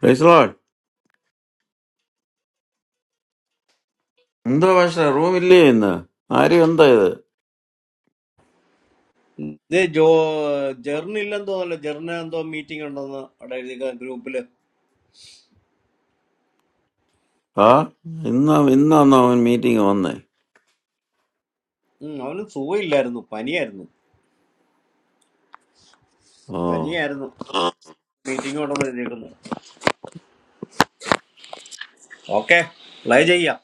Price load എന്തോ പക്ഷേ റൂമില്ലേ ഇന്ന് ആരും എന്താ ഇത് The jo journey lantu naal journey andu meeting orna na adal dekha group le. ആ ഇന്നാ ഇന്നാന്നോ അവൻ മീറ്റിംഗ് വന്നേ Hmm, awonu suvay llernu pani ernu ഓ pani ernu meeting orna dekha. Okay, play jeiya.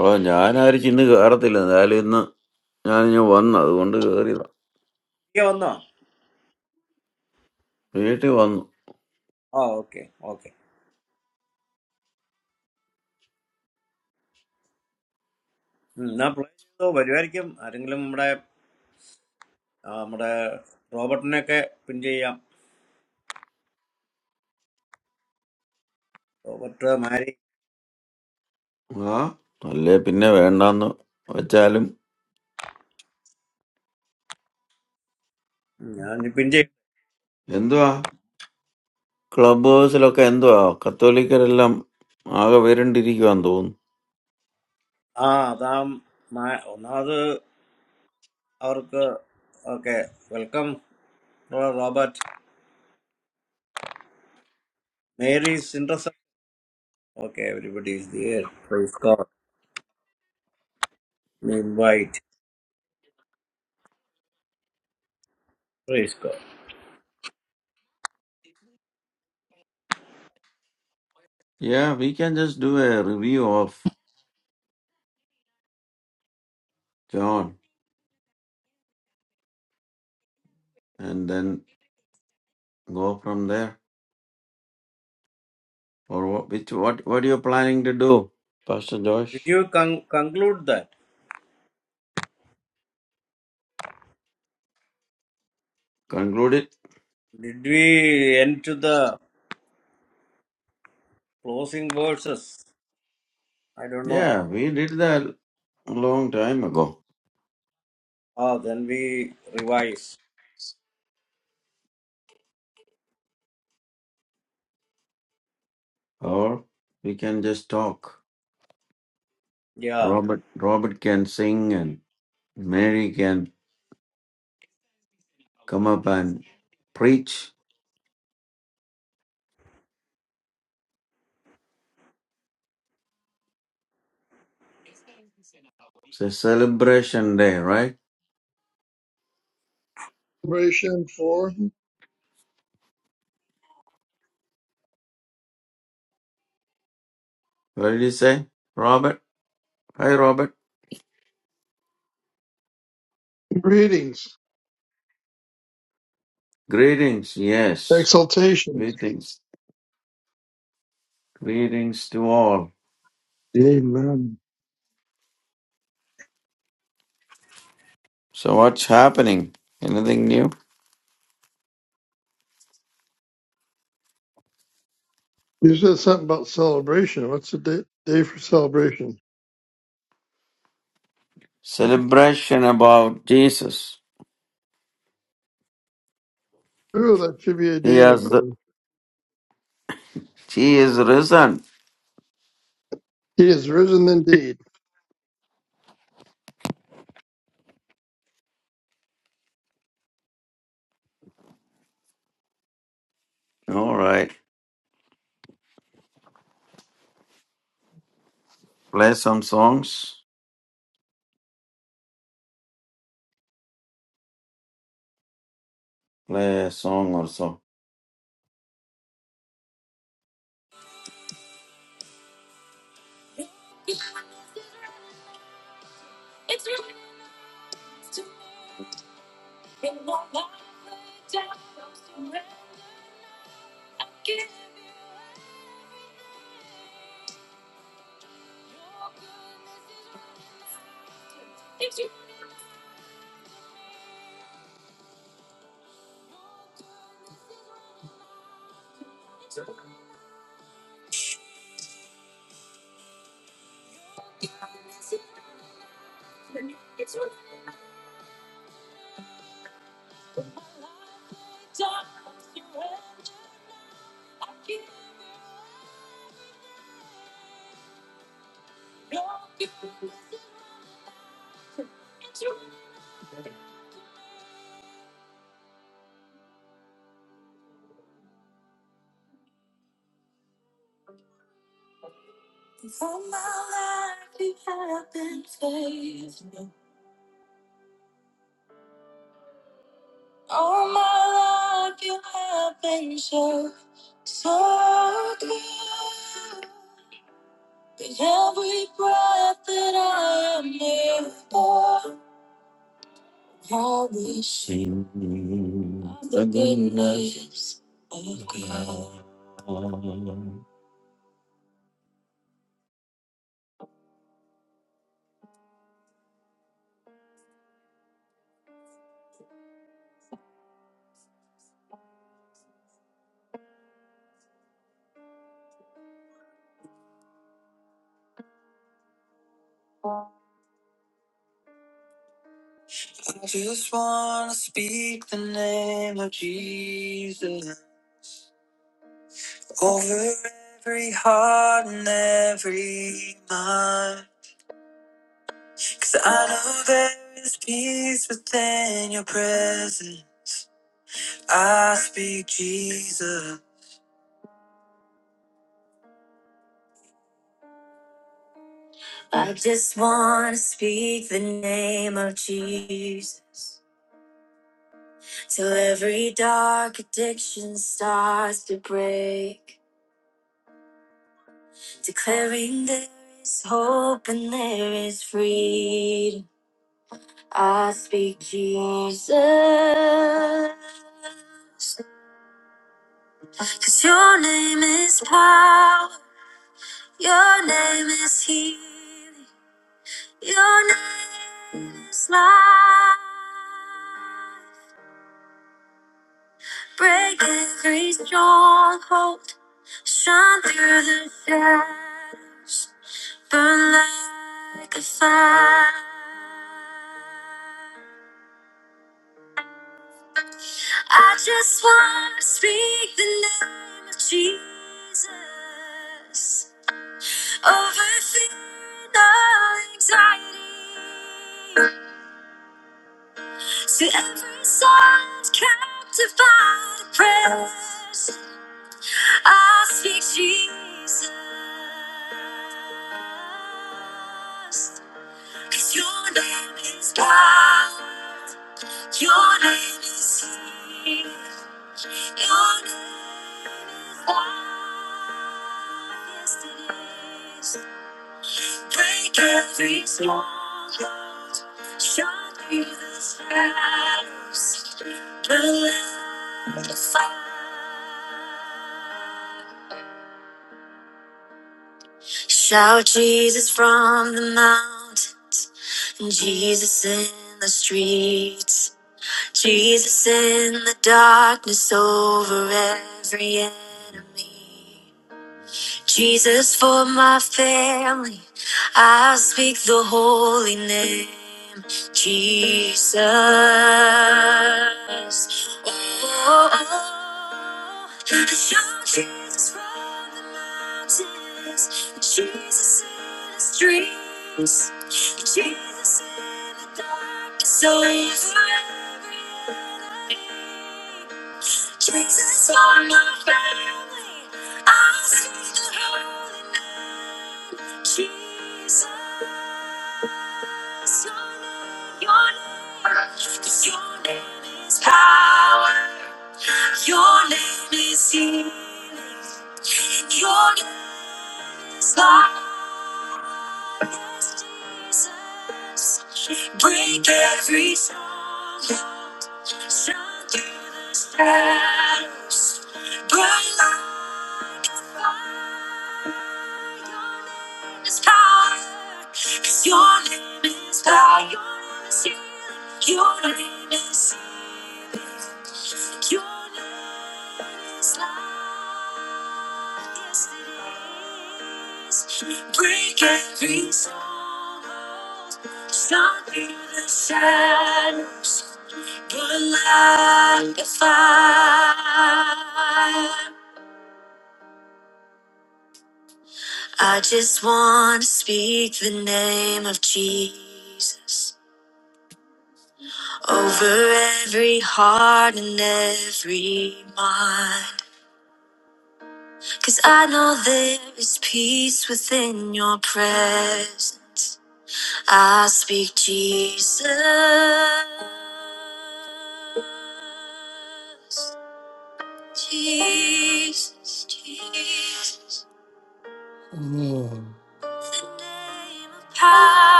ഓ ഞാനായിരിക്കും ഇന്ന് കയറത്തില്ല എന്തായാലും ഇന്ന് ഞാൻ ഇനി വന്നു അതുകൊണ്ട് കയറിയതാ Kya wanda? വീട്ടിൽ വന്നു Ah okay, okay. Hmm, na play jeiya to bajwar ke ringle mamra mamra Robert ne ke pinjeiya. Robert Mary. ആ അല്ലേ പിന്നെ വേണ്ടാന്ന് വെച്ചാലും Hmm, ya ne pinje. എന്തുവാ ക്ലബ് ഹൗസിലൊക്കെ എന്തുവാ കത്തോലിക്കരെല്ലാം ആകെ വരണ്ടിരിക്കുവാന്ന് തോന്നുന്നു Ah, dam ma naad aur ke okay welcome. Robert Mary interesting. Okay, everybody is there. Praise God. We invite. Praise God. Ya we can just do a review of John and then go from there or what, which what what you planning to do, Pastor Did Josh? you con- conclude that? Conclude it? Did we end to the closing verses? I don't know. Yeah, we did that a long time ago. Oh, then we revise. Or we can just talk. Yeah. Robert Robert can sing and Mary can come up and preach. It's a celebration day, right? celebration for What did you say, Robert? Hi, Robert. greetings, Greetings. Yes, exaltations. greetings. Greetings to all. Amen. So what's happening? Anything new? You said something about celebration. What's the day, day for celebration? Celebration about Jesus. Ooh, that should be a He daily has the, thing. he is risen. He is risen indeed. All right. Play some songs. Play a song or so. I will sing of the goodness of God.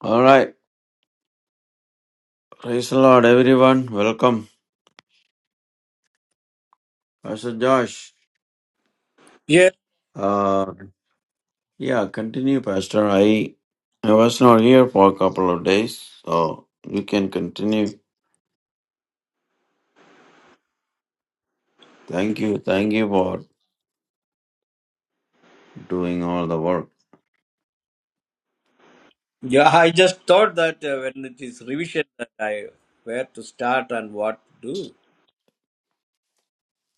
All right. Praise the Lord, everyone. Welcome. Pastor Josh. Yeah. Uh, yeah, continue, Pastor. I, I was not here for a couple of days, so you can continue. Thank you. Thank you for doing all the work. Yeah, I just thought that uh, when it is revision that I where to start and what to do.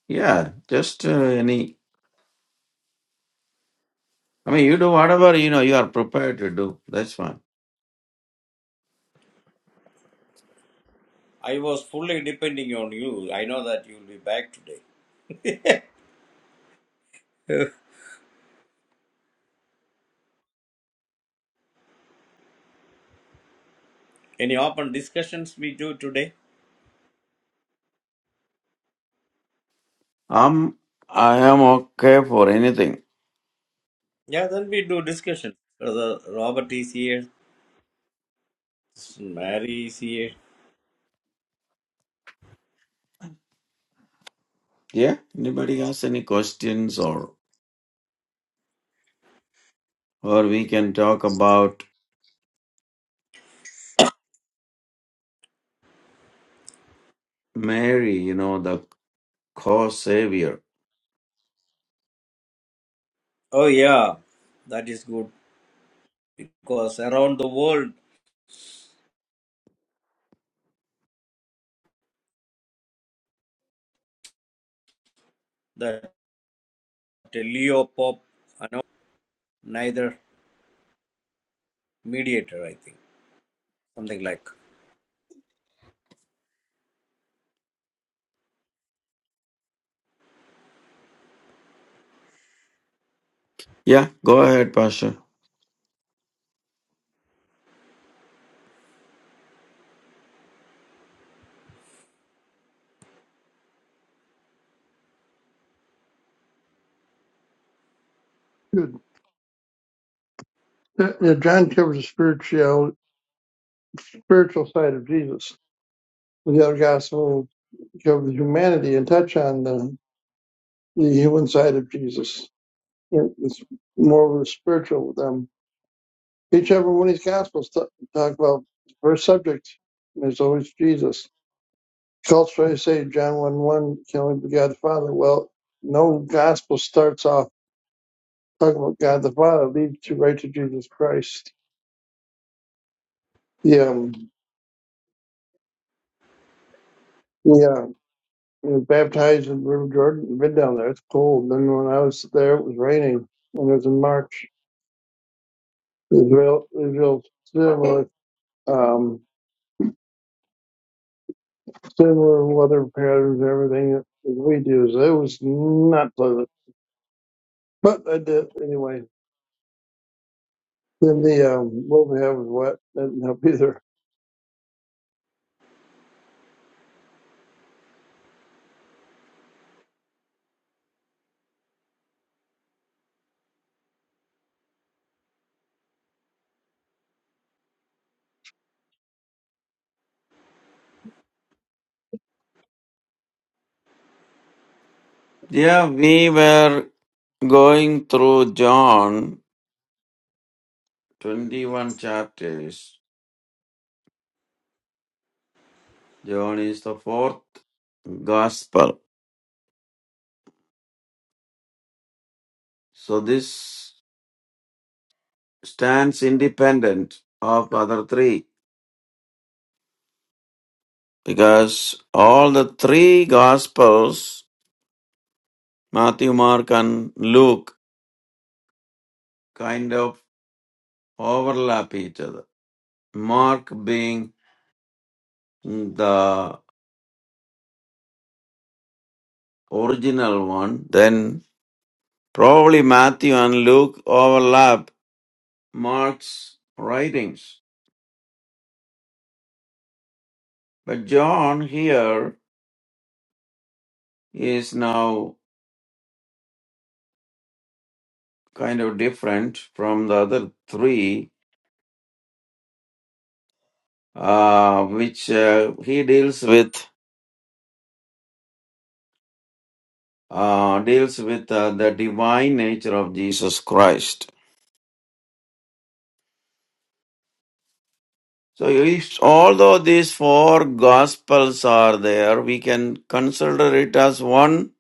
Yeah, just uh, any I mean, you do whatever you know you are prepared to do. That's fine. I was fully depending on you. I know that you will be back today. Any open discussions we do today? Um, I am okay for anything. Yeah, then we do discussions. Brother Robert is here. It's very easy. Yeah. Anybody has any questions or or we can talk about Mary. You know, the co-savior. Oh yeah, that is good because around the world that Leo Pope, I neither mediator. I think something like. Yeah. Go ahead, Pastor. Good. Yeah, yeah, John covers the spiritual spiritual side of Jesus. The other gospel covers humanity and touch on the, the human side of Jesus. It- It's more of the spiritual with them. Each every one of these gospels t- talk about the first subject. And there's always Jesus. Cults try say John 1 1 can only be God the Father. Well, no gospel starts off talking about God the Father, It leads to right to Jesus Christ. Yeah, um, yeah. He was baptized in the River Jordan and been down there. It's cold. Then when I was there, it was raining. And it was in March. Israel, Israel's similar, um, similar weather patterns and everything that we do. So it was not pleasant. But I did anyway. Then the um, what we have was wet. Didn't help either. Yeah, we were going through John twenty-one chapters. John is the fourth gospel. So this stands independent of other three. because all the three gospels matthew mark and luke kind of overlap each other mark being the original one then probably matthew and luke overlap mark's writings but john here is now kind of different from the other three uh, which uh, he deals with uh, deals with uh, the divine nature of Jesus Christ. So, if, although these four gospels are there, we can consider it as one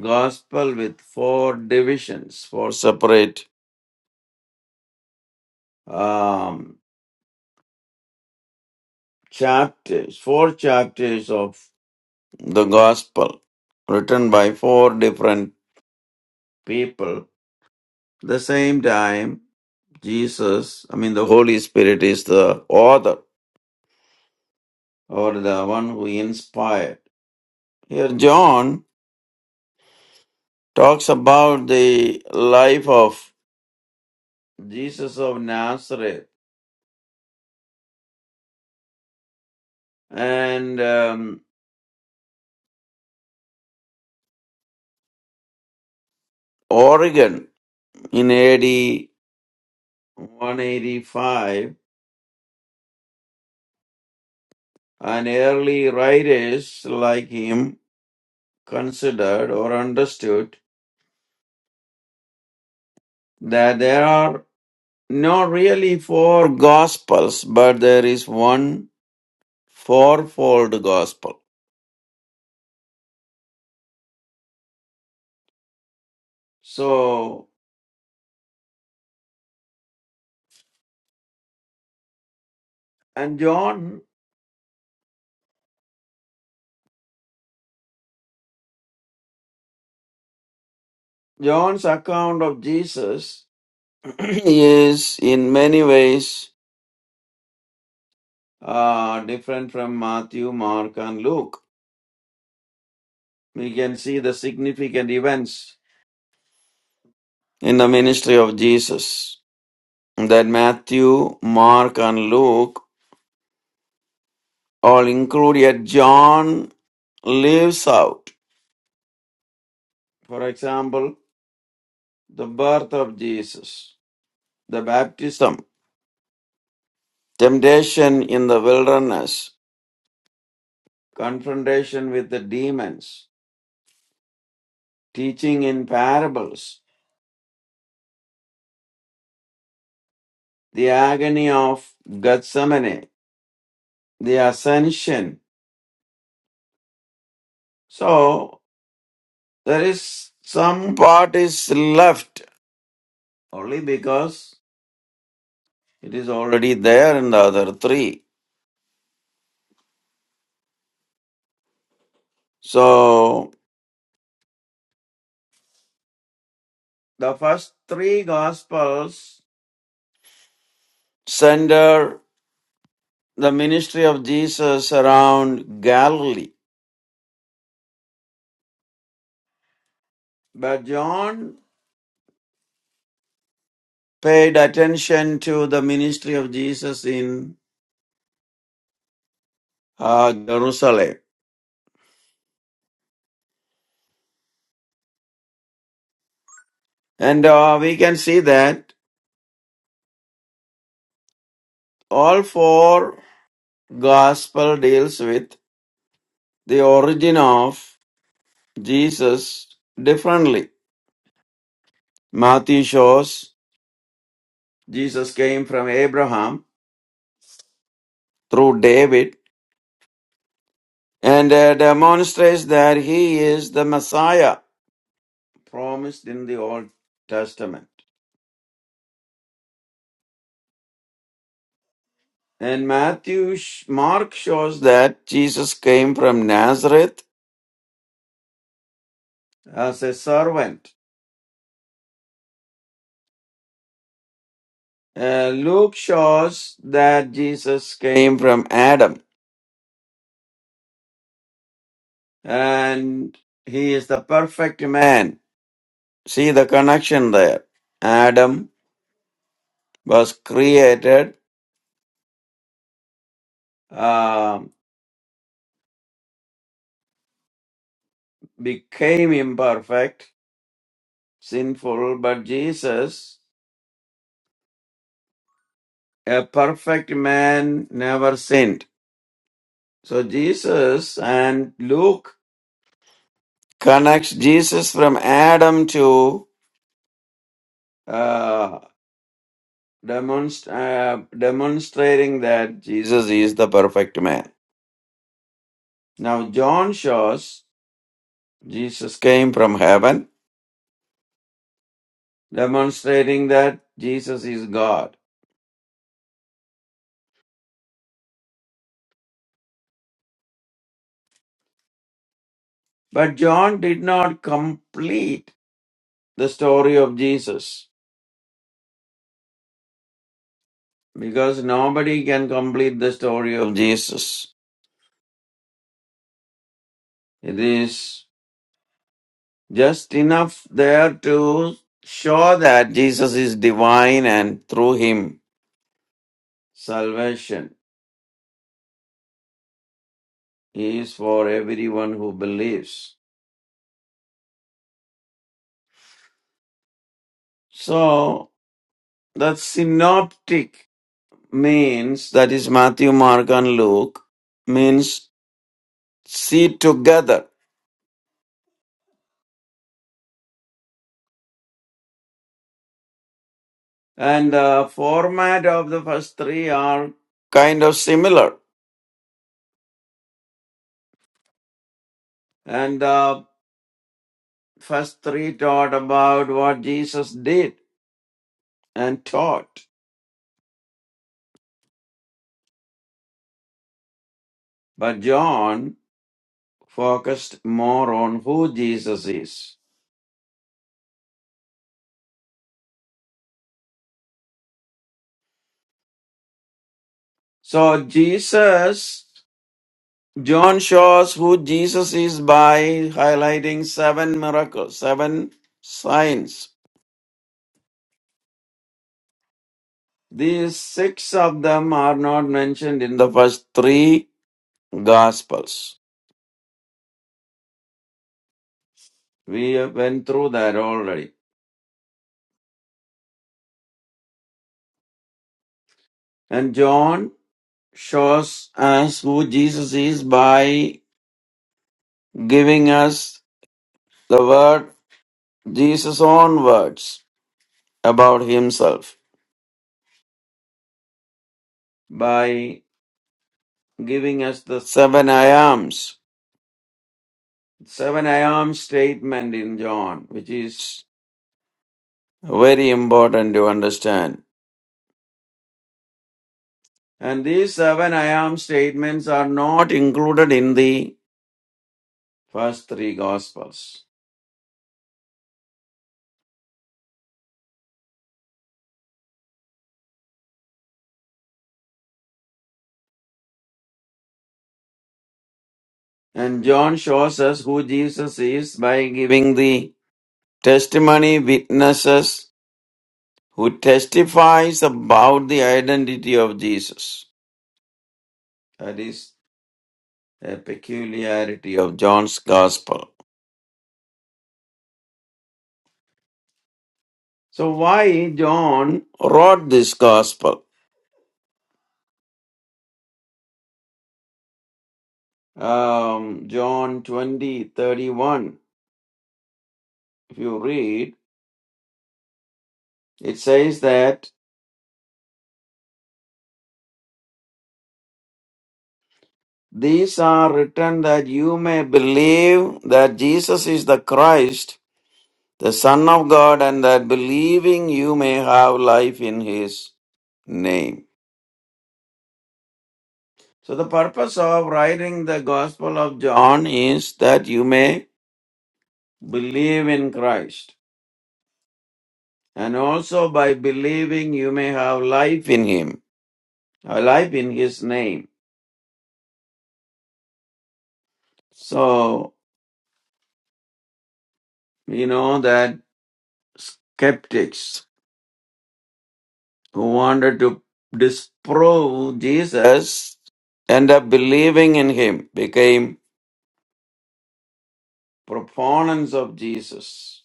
gospel with four divisions, four separate um, chapters, four chapters of the gospel written by four different people. At The same time, Jesus, I mean, the Holy Spirit is the author or the one who inspired. Here, John talks about the life of Jesus of Nazareth and um, Oregon in AD 185, and early writers like him considered or understood that there are not really four gospels, but there is one fourfold gospel. So, and John, John's account of Jesus is in many ways uh, different from Matthew, Mark, and Luke. We can see the significant events in the ministry of Jesus that Matthew, Mark, and Luke all include, yet John leaves out. For example, the birth of Jesus, the baptism, temptation in the wilderness, confrontation with the demons, teaching in parables, the agony of Gethsemane, the ascension. So there is some part is left only because it is already there in the other three. So the first three gospels center the ministry of Jesus around Galilee. But John paid attention to the ministry of Jesus in uh, Jerusalem. And uh, we can see that all four Gospel deals with the origin of Jesus differently. Matthew shows Jesus came from Abraham through David and uh, demonstrates that he is the Messiah promised in the Old Testament. And Matthew, sh- Mark shows that Jesus came from Nazareth as a servant. Uh, Luke shows that Jesus came from Adam. and he is the perfect man. See the connection there. Adam was created, um, became imperfect, sinful, but Jesus, a perfect man, never sinned. So Jesus and Luke connects Jesus from Adam to uh, demonst- uh, demonstrating that Jesus is the perfect man. Now John shows Jesus came from heaven, demonstrating that Jesus is God. But John did not complete the story of Jesus because nobody can complete the story of Jesus. It is just enough there to show that Jesus is divine and through him salvation is for everyone who believes. So the synoptic means that is Matthew, Mark, and Luke means see together. And the format of the first three are kind of similar. And the first three taught about what Jesus did and taught. But John focused more on who Jesus is. So Jesus, John shows who Jesus is by highlighting seven miracles, seven signs These six of them are not mentioned in the first three Gospels. We went through that already. And John shows us who Jesus is by giving us the word, Jesus' own words about himself, by giving us the seven I ams. Seven I am statement in John, which is very important to understand. And these seven I am statements are not included in the first three gospels. And John shows us who Jesus is by giving the testimony witnesses who testifies about the identity of Jesus. That is a peculiarity of John's gospel. So why John wrote this gospel? Um, John 20 31. if you read, it says that These are written that you may believe that Jesus is the Christ, the Son of God, and that believing you may have life in His name. So, the purpose of writing the Gospel of John is that you may believe in Christ, and also by believing, you may have life in Him, a life in His name. So, you know that skeptics who wanted to disprove Jesus end up believing in him, became proponents of Jesus.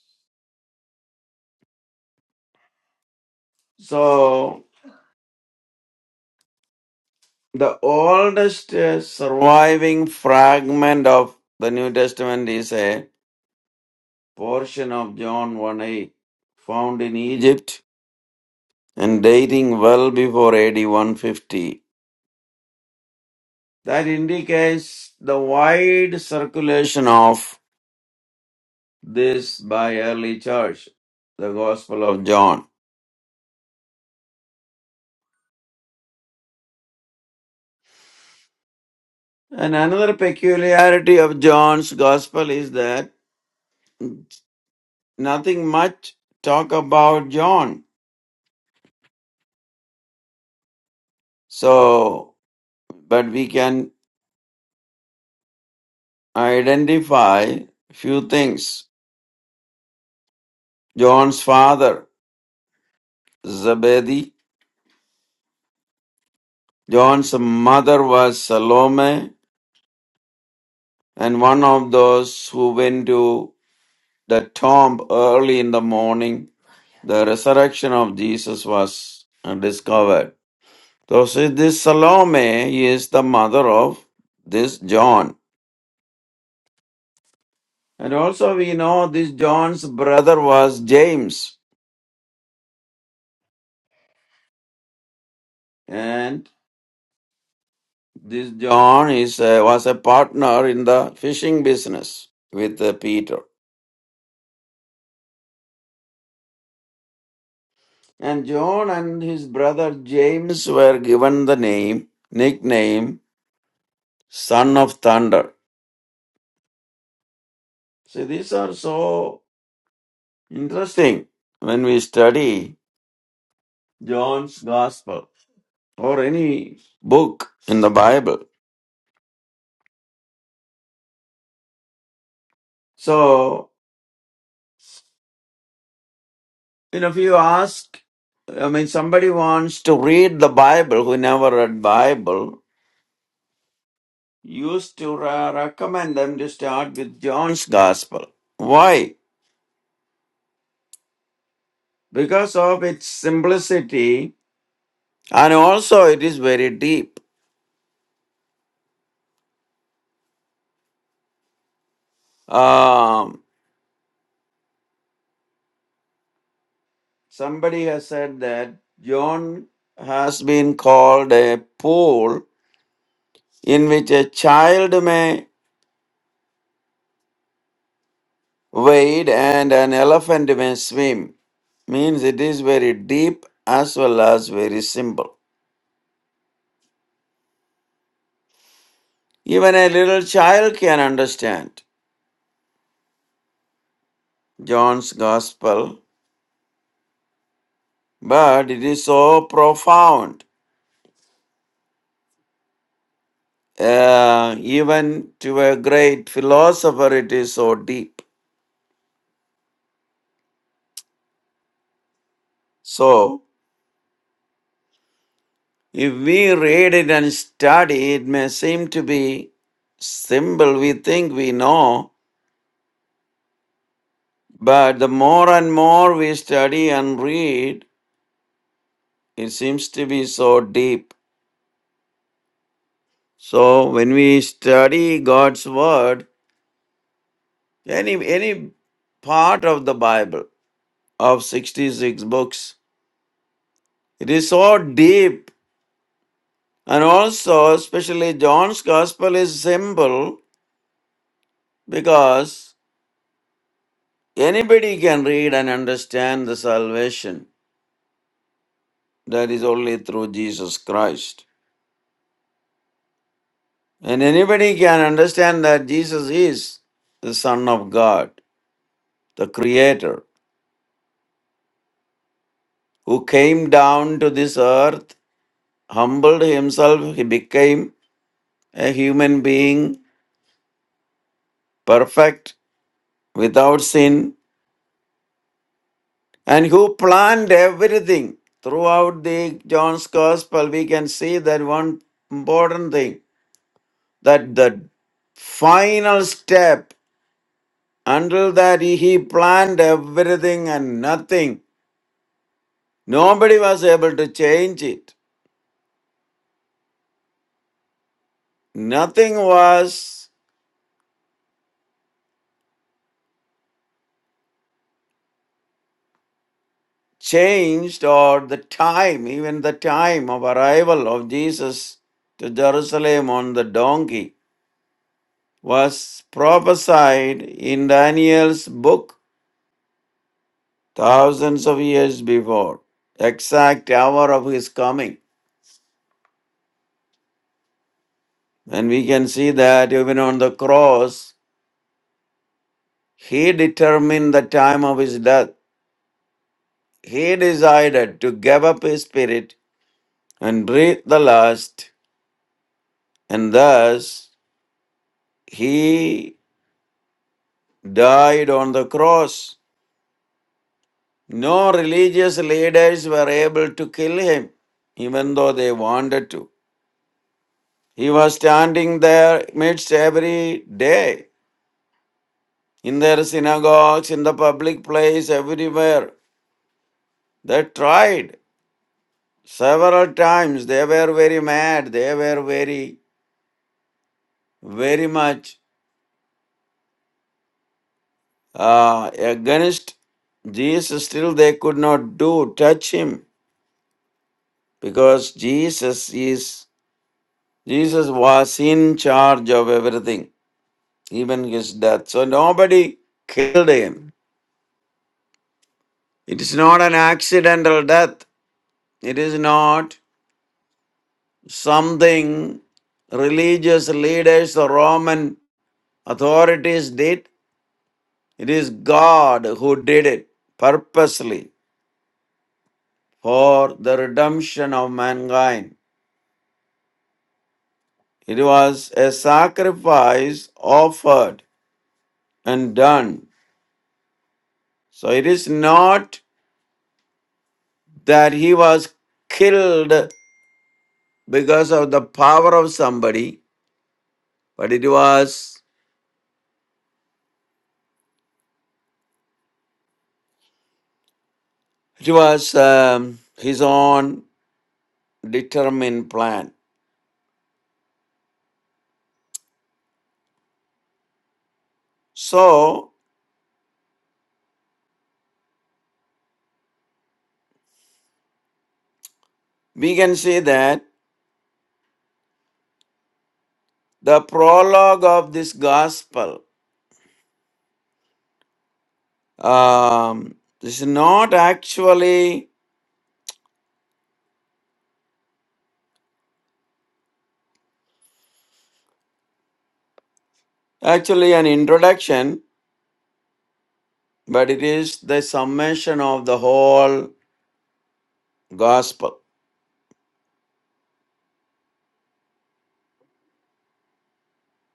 So the oldest uh, surviving fragment of the New Testament is a portion of John 1 8 found in Egypt and dating well before AD 150. That indicates the wide circulation of this by early church, the Gospel of John. And another peculiarity of John's Gospel is that nothing much talk about John. So, but we can identify few things. John's father, Zebedee, John's mother was Salome, and one of those who went to the tomb early in the morning the resurrection of Jesus was uh, discovered. So, see, this Salome is the mother of this John. And also, we know this John's brother was James. And this John is, uh, was a partner in the fishing business with uh, Peter. And John and his brother James were given the name, nickname, Son of Thunder. See, these are so interesting when we study John's Gospel or any book in the Bible. So, you know, if you ask, I mean, somebody wants to read the Bible who never read Bible, used to ra- recommend them to start with John's Gospel. Why? Because of its simplicity and also it is very deep. Um, somebody has said that John has been called a pool in which a child may Wade and an elephant may swim means it is very deep as well as very simple. Even a little child can understand John's gospel, but it is so profound. Uh, even to a great philosopher, it is so deep. So, if we read it and study, it may seem to be simple. We think we know, but the more and more we study and read, It seems to be so deep. So when we study God's word, any any part of the Bible of 66 books, it is so deep. And also, especially John's gospel is simple because anybody can read and understand the salvation that is only through Jesus Christ. And anybody can understand that Jesus is the Son of God, the Creator who came down to this earth, humbled himself, he became a human being, perfect, without sin, and who planned everything. Throughout the John's Gospel, we can see that one important thing that the final step until that he planned everything and nothing nobody was able to change it nothing was changed or the time, even the time of arrival of Jesus to Jerusalem on the donkey was prophesied in Daniel's book thousands of years before, exact hour of his coming. And we can see that even on the cross, he determined the time of his death. He decided to give up his spirit and breathe the last, and thus he died on the cross. No religious leaders were able to kill him, even though they wanted to. He was standing there midst every day, in their synagogues, in the public place, everywhere. They tried several times. They were very mad. They were very, very much uh, against Jesus. Still, they could not do touch him because Jesus is Jesus was in charge of everything, even his death. So nobody killed him. It is not an accidental death. It is not something religious leaders or Roman authorities did. It is God who did it purposely for the redemption of mankind. It was a sacrifice offered and done. So it is not that he was killed because of the power of somebody, but it was it was um, his own determined plan. So we can see that the prologue of this gospel um, is not actually actually an introduction, but it is the summation of the whole gospel.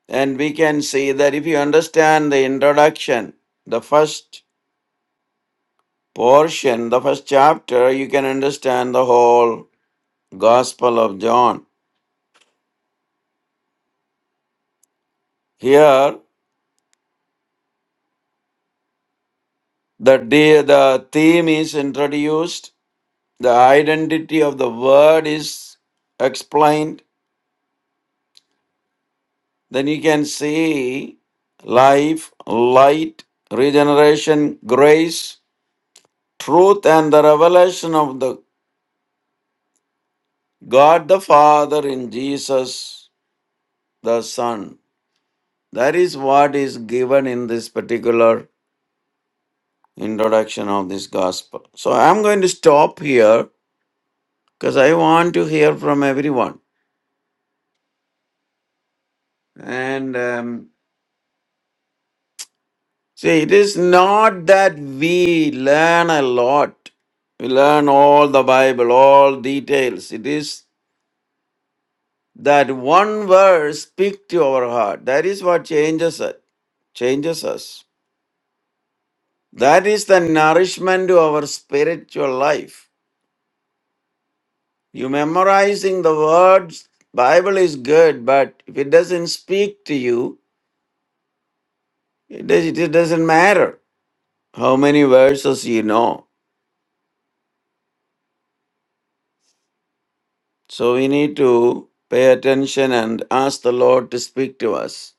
And we can see that if you understand the introduction, the first portion, the first chapter, you can understand the whole Gospel of John. Here, the, de- the theme is introduced, the identity of the Word is explained. Then you can see life, light, regeneration, grace, truth, and the revelation of the God the Father in Jesus the Son. That is what is given in this particular introduction of this gospel. So I'm going to stop here because I want to hear from everyone. And um, see, it is not that we learn a lot, we learn all the Bible, all details. It is that one verse speak to our heart. That is what changes it, changes us. That is the nourishment to our spiritual life. You memorizing the words, Bible is good, but if it doesn't speak to you, it, does, it doesn't matter how many verses you know. So we need to pay attention and ask the Lord to speak to us.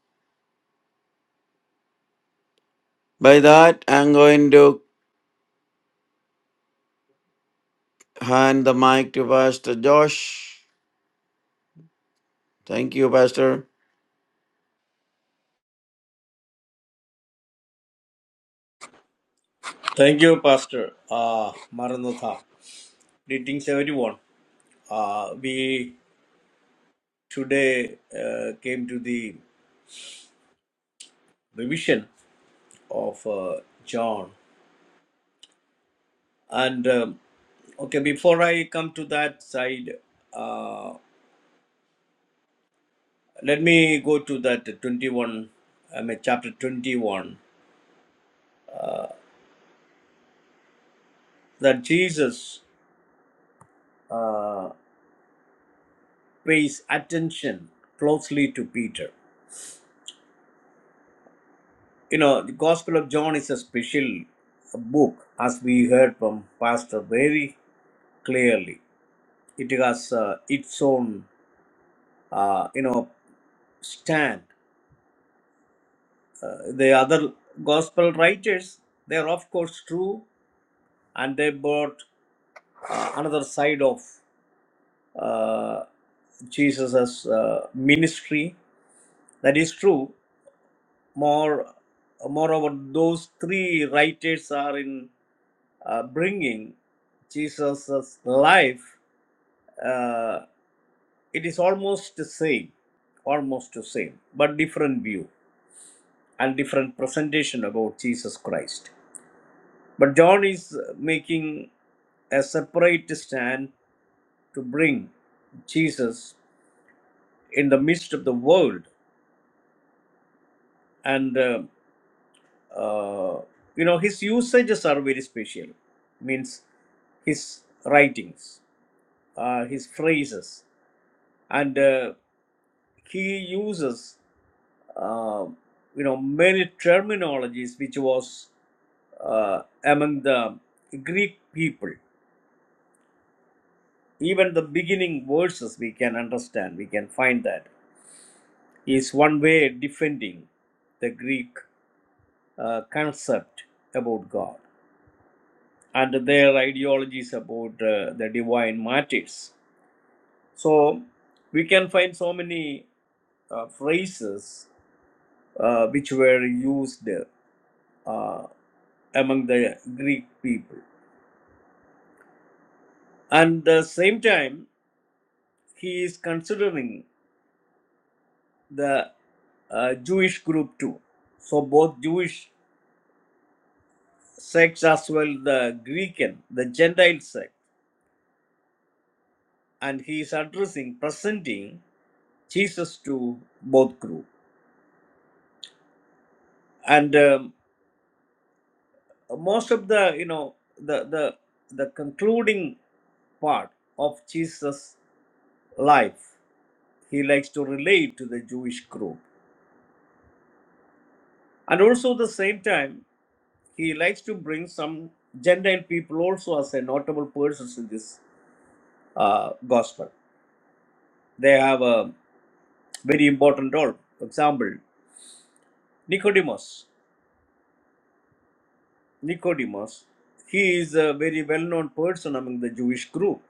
By that, I'm going to hand the mic to Pastor Josh. Thank you, Pastor. Thank you, Pastor. Uh, Maranatha. Greetings, everyone. Uh, we today uh, came to the revision of uh, John, and um, okay, before I come to that side. uh, Let me go to that 21, I mean, chapter 21, that Jesus uh, pays attention closely to Peter. You know, the Gospel of John is a special book, as we heard from Pastor very clearly. It has uh, its own, uh, you know, stand. Uh, the other Gospel writers, they are of course true, and they brought another side of uh, Jesus' uh, ministry. That is true. More, moreover, those three writers are in uh, bringing Jesus' life. Uh, it is almost the same, almost the same, but different view and different presentation about Jesus Christ. But John is making a separate stand to bring Jesus in the midst of the world, and uh, uh, you know his usages are very special means his writings uh, his phrases and uh, he uses uh, you know many terminologies which was uh, among the greek people even the beginning verses we can understand we can find that he is one way defending the greek uh, concept about god and their ideologies about uh, the divine matters. So we can find so many uh, phrases uh, which were used uh, among the Greek people. And the same time, he is considering the uh, Jewish group too. So both Jewish sects as well the Greek and the Gentile sect, and he is addressing, presenting Jesus to both group. And um, most of the you know the the the concluding part of jesus life he likes to relate to the jewish group and also at the same time he likes to bring some gentile people also as a notable persons in this uh, gospel they have a very important role for example nicodemus nicodemus he is a very well known person among the jewish group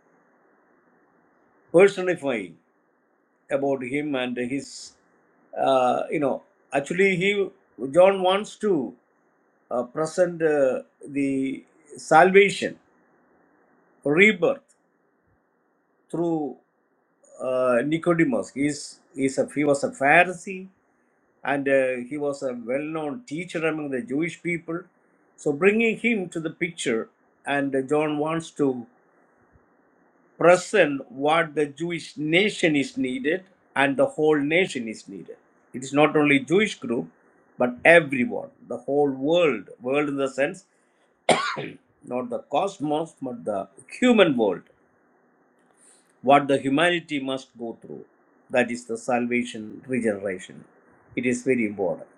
personifying about him and his uh, you know actually he john wants to uh, present uh, the salvation rebirth through uh, nicodemus he's, he's a, he was a pharisee and uh, he was a well-known teacher among the jewish people so bringing him to the picture and uh, john wants to present what the Jewish nation is needed and the whole nation is needed. It is not only Jewish group, but everyone, the whole world, world in the sense not the cosmos, but the human world, what the humanity must go through. That is the salvation, regeneration. It is very important.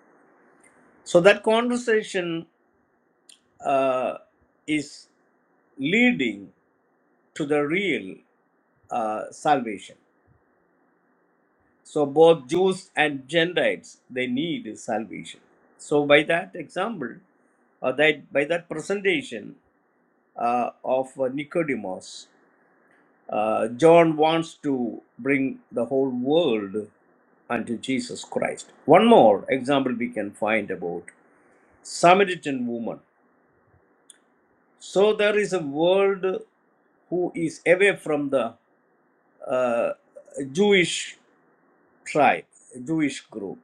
So that conversation uh, is leading to the real uh, salvation. So both Jews and Gentiles they need salvation. So by that example, uh, that by that presentation uh, of uh, Nicodemus, uh, John wants to bring the whole world unto Jesus Christ. One more example we can find about Samaritan woman. So there is a world who is away from the uh, Jewish tribe, Jewish group.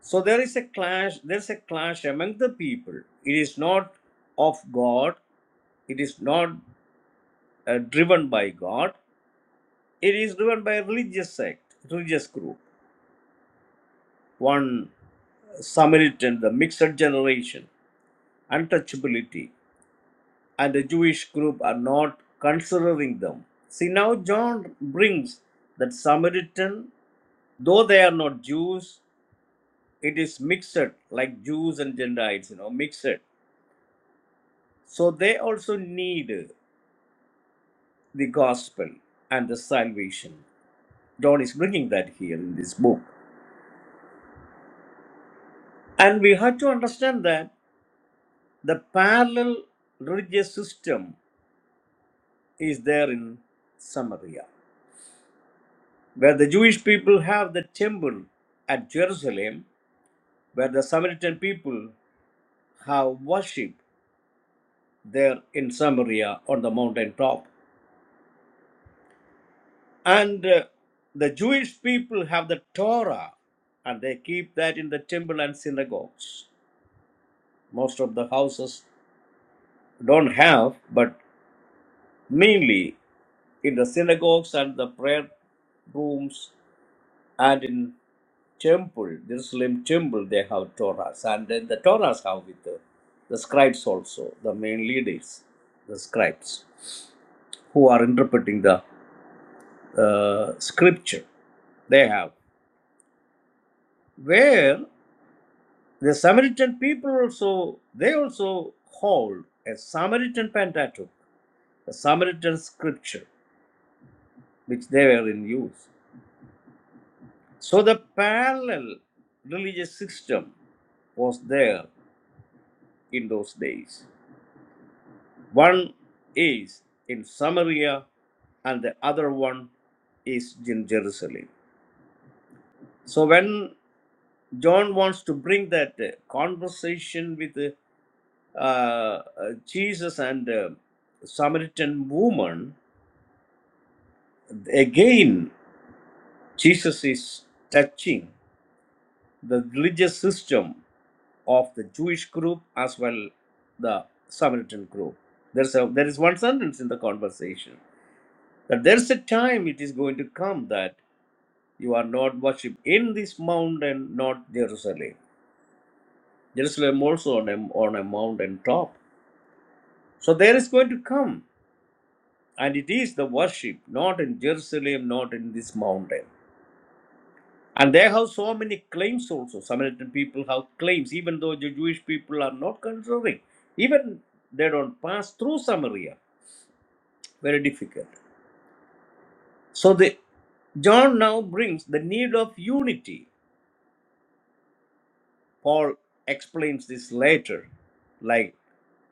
So there is a clash, there's a clash among the people. It is not of God, it is not uh, driven by God, it is driven by a religious sect, religious group. One Samaritan, the mixed generation, untouchability, and the Jewish group are not considering them. See, now John brings that Samaritan, though they are not Jews, it is mixed, like Jews and Gentiles, you know, mixed. So they also need. the gospel and the salvation. John is bringing that here in this book. And we have to understand that the parallel religious system is there in Samaria, where the Jewish people have the temple at Jerusalem, where the Samaritan people have worship there in Samaria on the mountain top. And uh, the Jewish people have the Torah and they keep that in the temple and synagogues. Most of the houses don't have, but mainly in the synagogues and the prayer rooms and in temple, the Muslim temple, they have Torahs. And then the Torahs have with the, the scribes also, the main leaders, the scribes, who are interpreting the uh, scripture. They have. Where the Samaritan people also, they also hold a Samaritan Pentateuch, a Samaritan scripture, which they were in use. So the parallel religious system was there in those days. One is in Samaria and the other one is in Jerusalem. So when John wants to bring that uh, conversation with uh, uh, Jesus and uh, Samaritan woman, again Jesus is touching the religious system of the Jewish group as well the Samaritan group. There's a, there is one sentence in the conversation that there's a time it is going to come that you are not worshipped in this mountain, not Jerusalem. Jerusalem also on a, on a mountain top. So there is going to come, and it is the worship, not in Jerusalem, not in this mountain. And they have so many claims also. Samaritan people have claims, even though the Jewish people are not considering. Even they don't pass through Samaria very difficult. So the John now brings the need of unity. Paul explains this later, like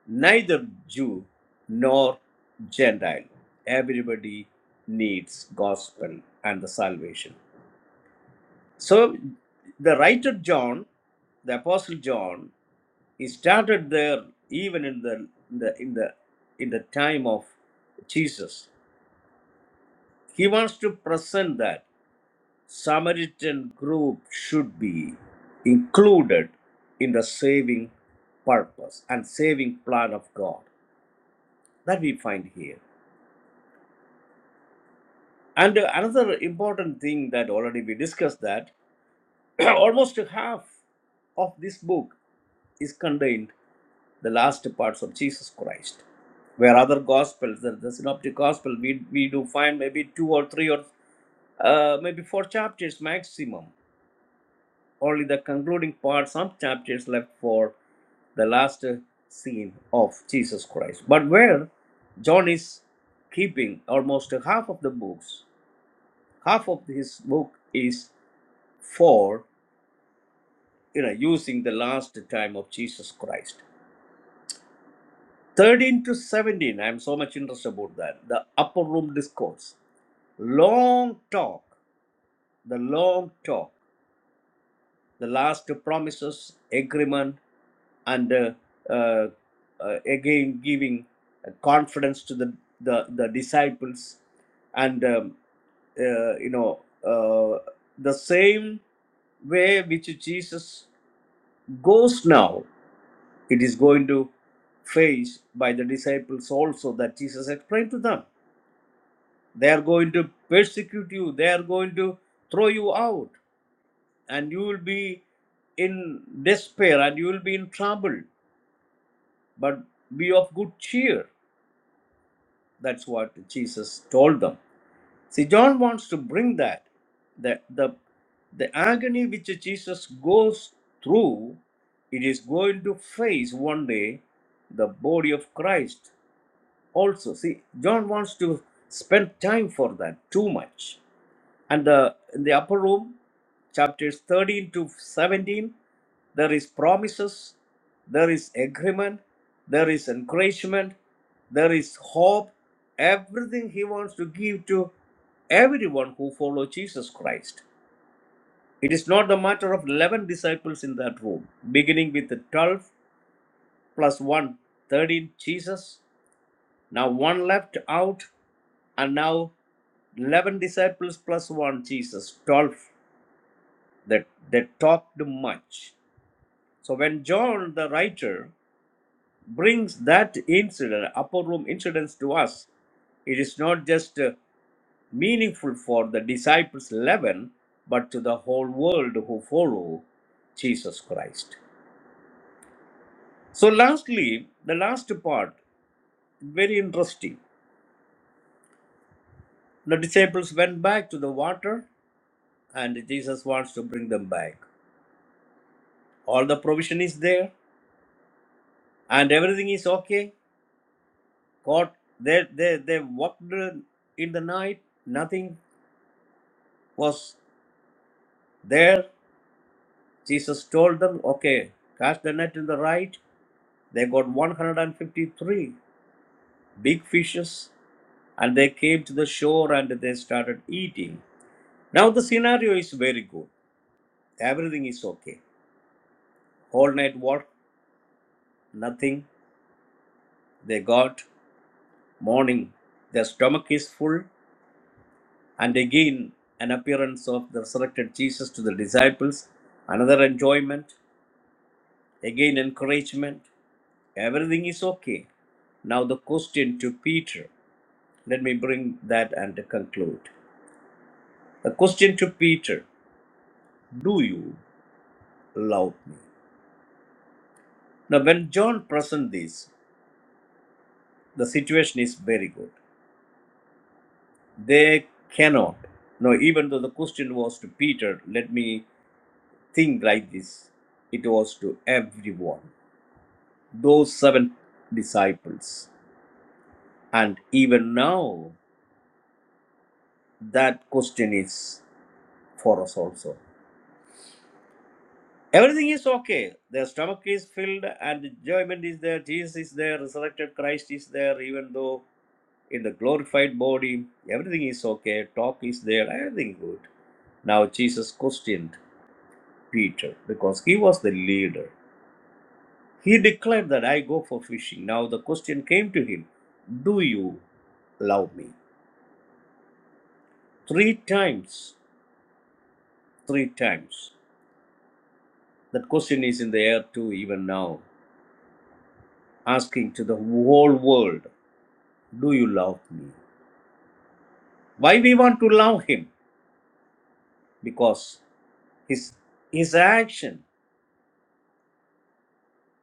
neither Jew nor Gentile. Everybody needs gospel and the salvation. So the writer John, the apostle John, he started there even in the in the in the in the time of Jesus. He wants to present that Samaritan group should be included in the saving purpose and saving plan of God that we find here. And uh, another important thing that already we discussed that almost half of this book is contained the last parts of Jesus Christ. Where other gospels, the, the synoptic gospel, we, we do find maybe two or three or uh, maybe four chapters maximum only the concluding part, some chapters left for the last uh, scene of Jesus Christ. But where John is keeping almost half of the books, half of his book is for you know using the last time of Jesus Christ. 13 to 17, I'm so much interested about that. The upper room discourse. Long talk, the long talk. the last promises, agreement, and uh, uh, uh, again giving uh, confidence to the, the, the disciples. And, um, uh, you know, uh, the same way which Jesus goes now, it is going to face by the disciples also that Jesus explained to them. They are going to persecute you, they are going to throw you out and you will be in despair and you will be in trouble, but be of good cheer. That's what Jesus told them. See, John wants to bring that, the, the, the agony which Jesus goes through, it is going to face one day the body of Christ. also see john wants to spend time for that too much and the, in the upper room chapters 13 to 17 there is promises there is agreement there is encouragement there is hope everything he wants to give to everyone who follow jesus christ it is not the matter of 11 disciples in that room beginning with the 12 plus one, 13 jesus now one left out, and now 11 disciples plus one Jesus, 12 that they talked much. So when John the writer brings that incident, upper room incidents to us, it is not just uh, meaningful for the disciples 11, but to the whole world who follow Jesus Christ. So lastly, the last part, very interesting. The disciples went back to the water and Jesus wants to bring them back. All the provision is there, and everything is okay. God, they they they walked in the night. Nothing was there. Jesus told them, "Okay, cast the net in the right." They got 153 big fishes, and they came to the shore and they started eating. Now the scenario is very good. Everything is okay. Whole night work, nothing. They got morning. Their stomach is full and again an appearance of the resurrected Jesus to the disciples, another enjoyment, again encouragement. Everything is okay. Now, the question to Peter. Let me bring that and conclude. The question to Peter Do you love me? Now, when John presents this, the situation is very good. They cannot. Now, even though the question was to Peter, let me think like this it was to everyone. those seven disciples. And even now, that question is for us also. Everything is okay. Their stomach is filled and enjoyment is there. Jesus is there. Resurrected Christ is there. Even though in the glorified body, everything is okay. Talk is there. Everything good. Now Jesus questioned Peter because he was the leader. He declared that I go for fishing. Now the question came to him Do you love me? Three times three times. That question is in the air too, even now, asking to the whole world, Do you love me? Why we want to love him? Because his, his action,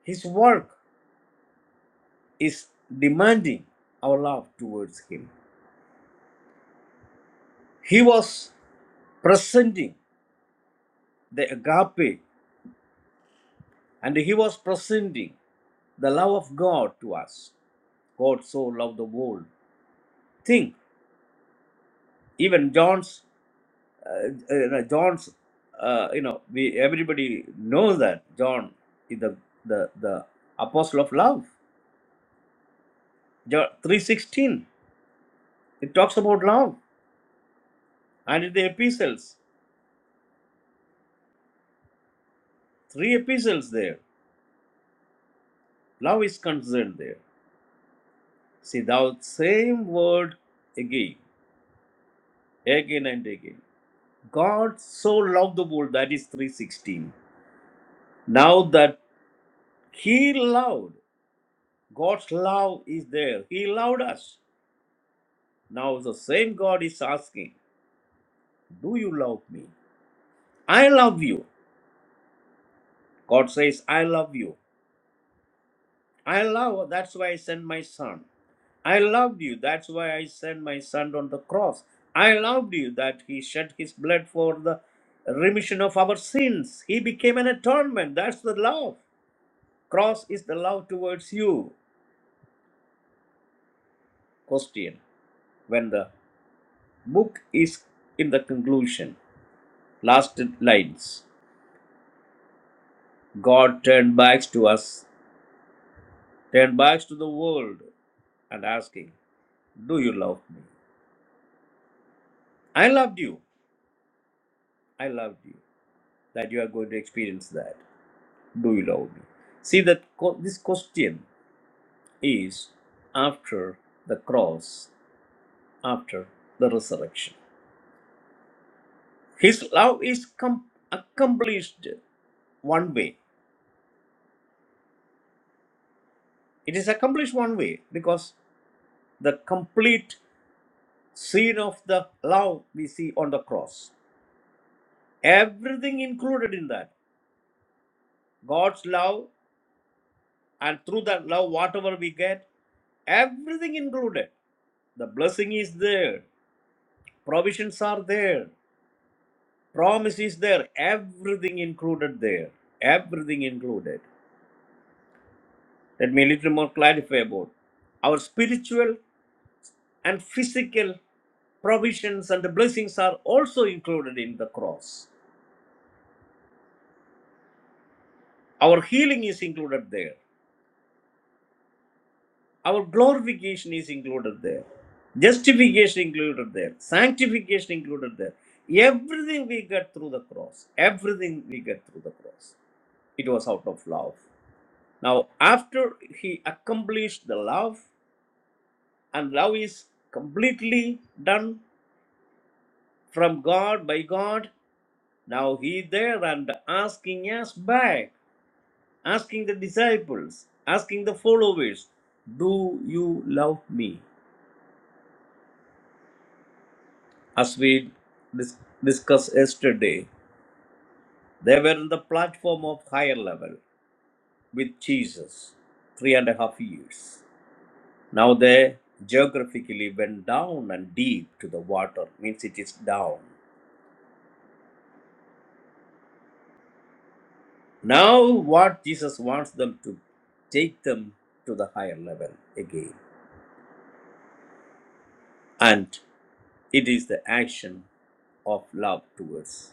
his work is demanding our love towards him. He was presenting the agape and he was presenting the love of God to us. God so loved the world. Think, even John's uh, uh, John's, uh, you know, we everybody knows that John is the the the apostle of love. John three sixteen, it talks about love, and in the epistles, three epistles there, love is concerned there. See, thou same word again, again and again. God so loved the world that is three sixteen. Now that He loved, God's love is there. He loved us. Now the same God is asking. Do you love me? I love you. God says, I love you. I love, that's why I sent my son. I loved you, that's why I sent my son on the cross. I loved you that he shed his blood for the remission of our sins. He became an atonement. That's the love. Cross is the love towards you. Question When the book is in the conclusion, last lines God turned back to us, turned back to the world, and asking. Do you love me? I loved you. I loved you. That you are going to experience that. Do you love me? See that co- this question is after the cross, after the resurrection. His love is com- accomplished one way. It is accomplished one way because the complete scene of the love we see on the cross. Everything included in that. God's love and through that love whatever we get everything included the blessing is there provisions are there promise is there everything included there everything included let me a little more clarify about our spiritual and physical provisions and the blessings are also included in the cross our healing is included there Our glorification is included there, justification included there, sanctification included there. Everything we get through the cross, everything we get through the cross, it was out of love. Now, after he accomplished the love, and love is completely done from God by God, now he there and asking us back, asking the disciples, asking the followers, Do you love me? as we dis- discussed yesterday, they were in the platform of higher level with Jesus, three and a half years. Now they geographically went down and deep to the water, means it is down. Now what Jesus wants them to take them to the higher level again. And it is the action of love towards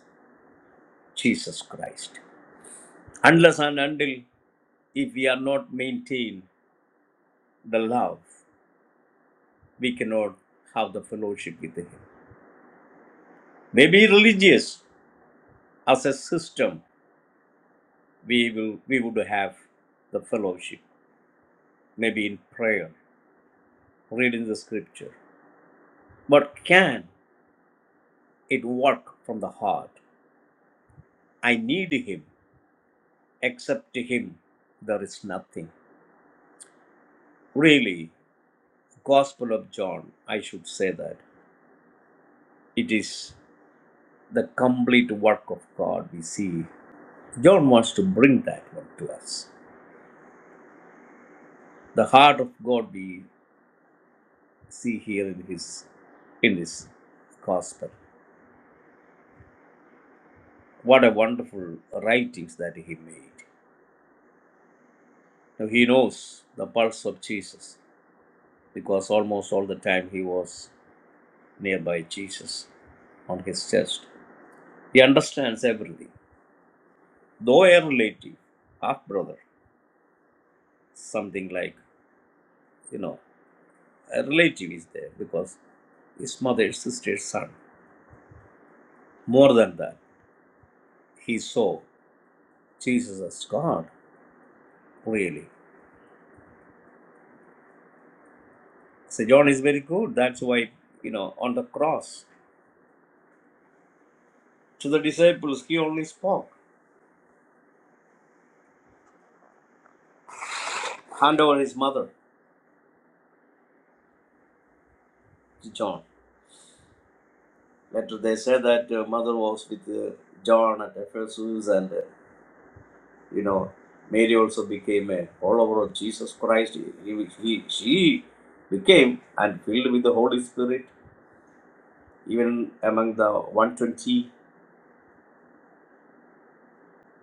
Jesus Christ. Unless and until if we are not maintain the love, we cannot have the fellowship with him. Maybe religious as a system, we will we would have the fellowship, maybe in prayer, reading the scripture. But can it work from the heart? I need him. Except him, there is nothing. Really, Gospel of John, I should say that. It is the complete work of God we see. John wants to bring that one to us. The heart of God we see here in his in his gospel. What a wonderful writings that he made. Now he knows the pulse of Jesus because almost all the time he was nearby Jesus on his chest. He understands everything. Though a relative, half brother, something like, you know, a relative is there because his mother's sister's son. More than that, he saw Jesus as God, really. So John is very good. That's why, you know, on the cross to the disciples, he only spoke. Hand over his mother to John. Later they said that uh, mother was with uh, John at Ephesus, and uh, you know, Mary also became a follower of Jesus Christ. He, he, she became and filled with the Holy Spirit. Even among the 120,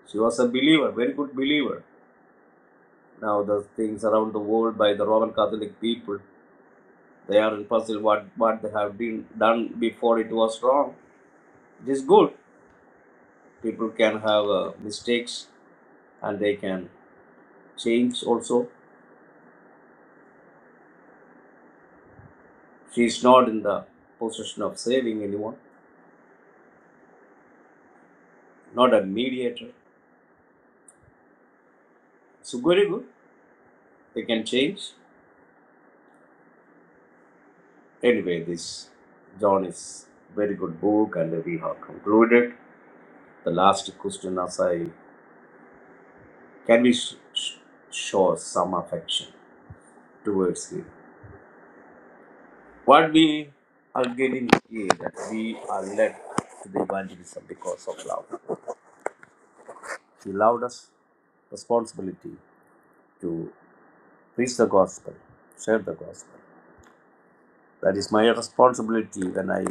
she was a believer, very good believer. Now the things around the world by the Roman Catholic people. They are puzzled what, what they have been done before it was wrong. It is good. People can have uh, mistakes and they can change also. She is not in the position of saving anyone, not a mediator. So very good. They can change. Anyway, this John is very good book and we have concluded. The last question as I can we sh- sh- show some affection towards him What we are getting is that we are led to the evangelism because of love. He loved us responsibility to preach the gospel, share the gospel. That is my responsibility when I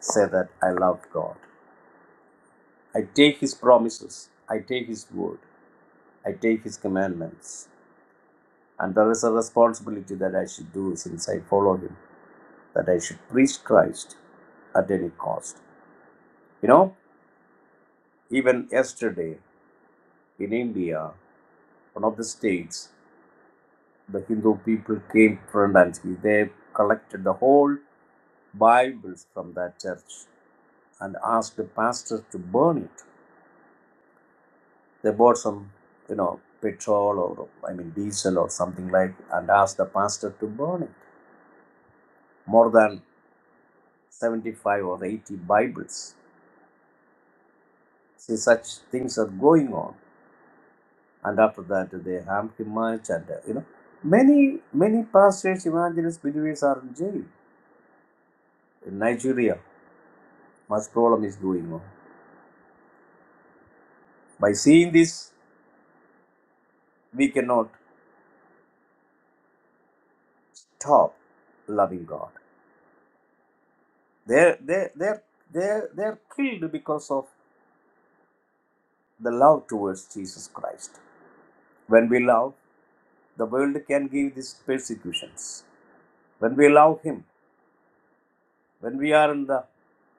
say that I love God. I take His promises, I take His word, I take His commandments. And there is a responsibility that I should do since I follow Him, that I should preach Christ at any cost. You know, even yesterday in India, one of the states, the Hindu people came front and they collected the whole Bibles from that church and asked the pastor to burn it. They bought some, you know, petrol or I mean diesel or something like, and asked the pastor to burn it. More than 75 or 80 Bibles. See, such things are going on. And after that, they harmed him much, and uh, you know, many many pastors, evangelists, believers are in jail in Nigeria much problem is going on. By seeing this, we cannot stop loving God. They're, they're, they're, they're, they're killed because of the love towards Jesus Christ. When we love, the world can give these persecutions. When we love Him, when we are in the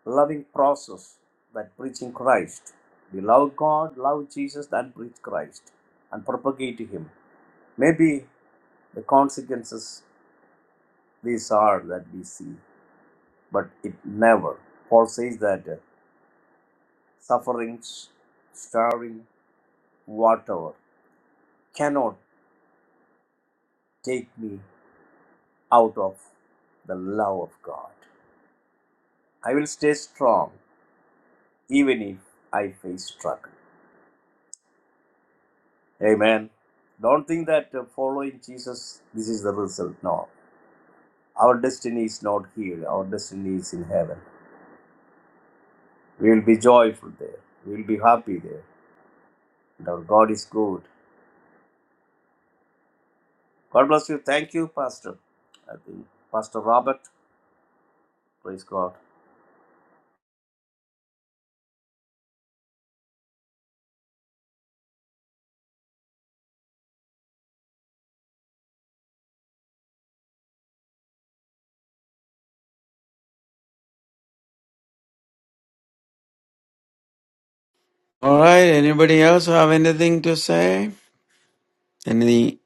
loving process that preaching Christ, we love God, love Jesus, and preach Christ and propagate Him. Maybe the consequences these are that we see. but it never. Paul says that uh, sufferings, starving, whatever cannot take me out of the love of God. I will stay strong even if I face struggle. Amen. Don't think that uh, following Jesus, this is the result. No. Our destiny is not here, our destiny is in heaven. We will be joyful there, we will be happy there. And our God is good. God bless you. Thank you, Pastor. I think Pastor Robert. Praise God. All right, anybody else have anything to say? Any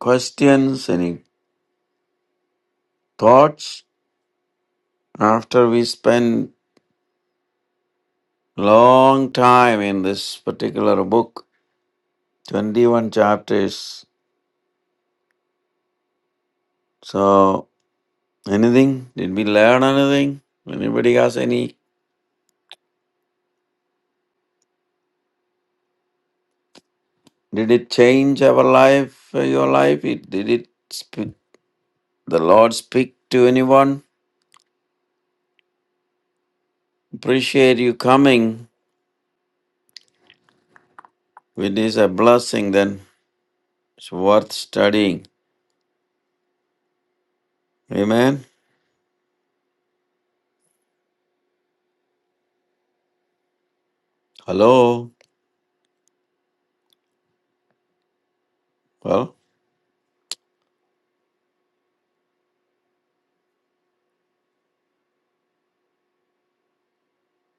questions, any thoughts after we spend long time in this particular book 21 chapters so anything did we learn anything anybody has any did it change our life uh, your life it did it sp- the lord speak to anyone appreciate you coming it is a blessing then it's worth studying amen hello well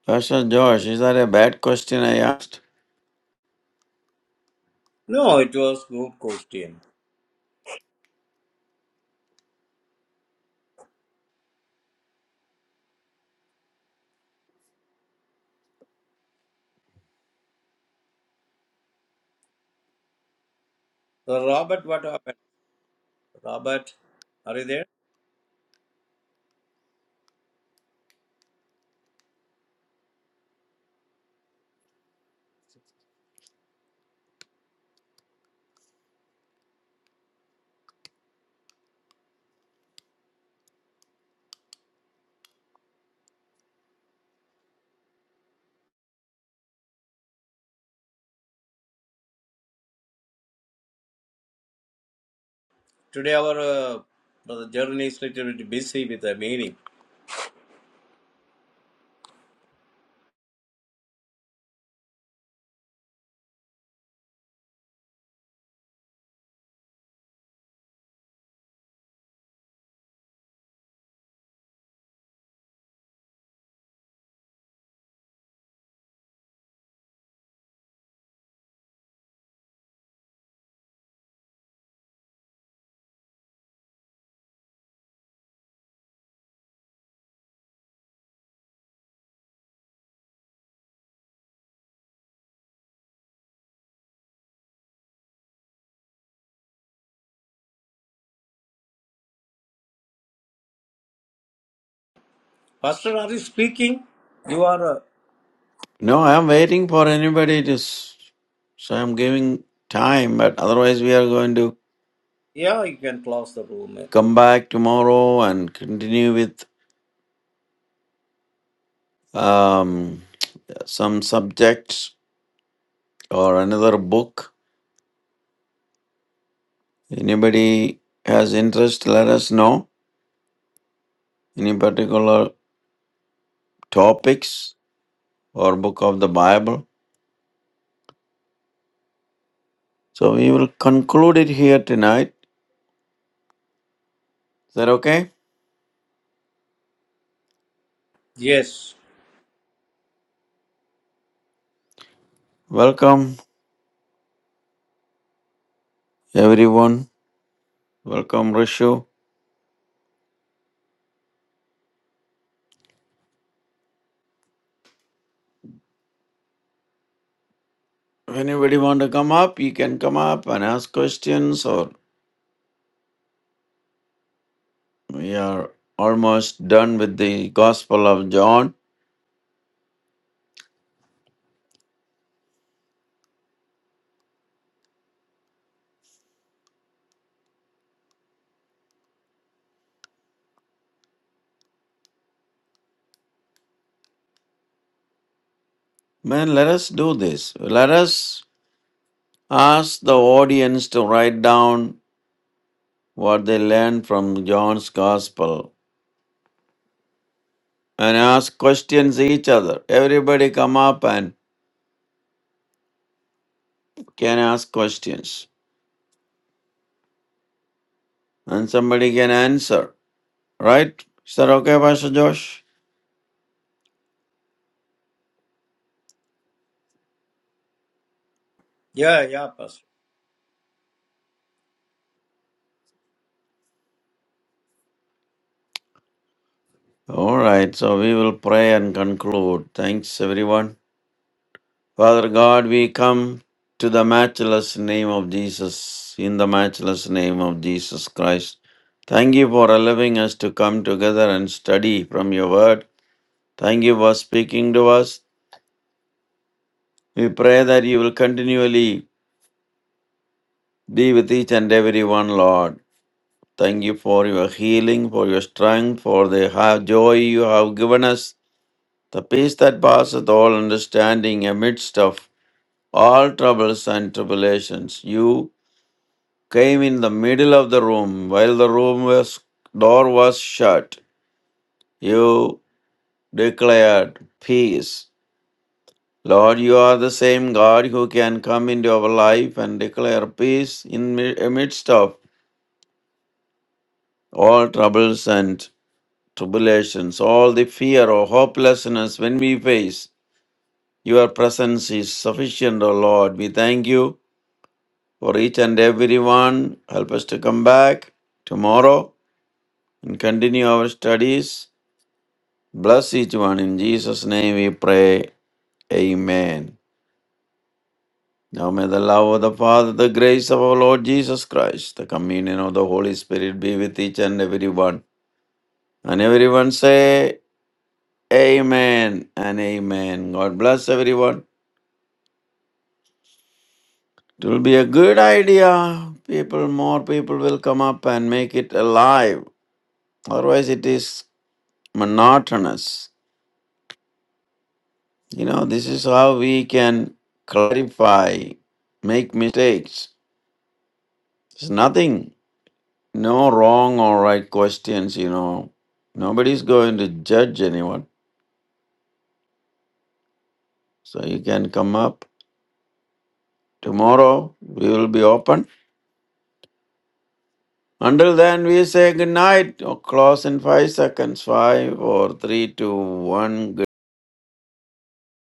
pastor josh is that a bad question i asked No, it was good question. So, Robert, what happened? Robert, are you there? Today our uh, brother journey is little bit busy with the meeting. Pastor, are you speaking? You are. Uh, No, I am waiting for anybody to. s- So I'm giving time, but otherwise we are going to yeah, you can close the room. I think. come back tomorrow and continue with um, some subjects or another book. Anybody has interest, let us know. Any particular topics or book of the Bible. So we will conclude it here tonight. Is that okay? Yes. Welcome everyone. Welcome Rishu. If Anybody want to come up? You can come up and ask questions, or we are almost done with the Gospel of John. Man, let us do this. Let us ask the audience to write down what they learned from John's Gospel and ask questions each other. Everybody come up and can ask questions, and somebody can answer. Right? Is that okay, Pastor Josh? Yeah, yeah, Pastor. All right. So we will pray and conclude. Thanks, everyone. Father God, we come to the matchless name of Jesus, in the matchless name of Jesus Christ. Thank you for allowing us to come together and study from your word. Thank you for speaking to us. We pray that you will continually be with each and every one, Lord. Thank you for your healing, for your strength, for the ha- joy you have given us, the peace that passeth all understanding amidst of all troubles and tribulations. You came in the middle of the room while the room was door was shut. You declared peace. Lord, you are the same God who can come into our life and declare peace in mi- amidst of all troubles and tribulations, all the fear or hopelessness when we face. Your presence is sufficient, O Lord. We thank you for each and every one. Help us to come back tomorrow and continue our studies Bless each one. In Jesus' name we pray. Amen. Now may the love of the Father, the grace of our Lord Jesus Christ, the communion of the Holy Spirit be with each and everyone. And everyone say, Amen and Amen. God bless everyone. It will be a good idea. People, more people will come up and make it alive. Otherwise, it is monotonous. You know, this is how we can clarify, make mistakes. It's nothing. No wrong or right questions, you know. Nobody's going to judge anyone. So you can come up. Tomorrow we will be open. Until then, we say good night. Or close in five seconds. Five, four, three, two, one.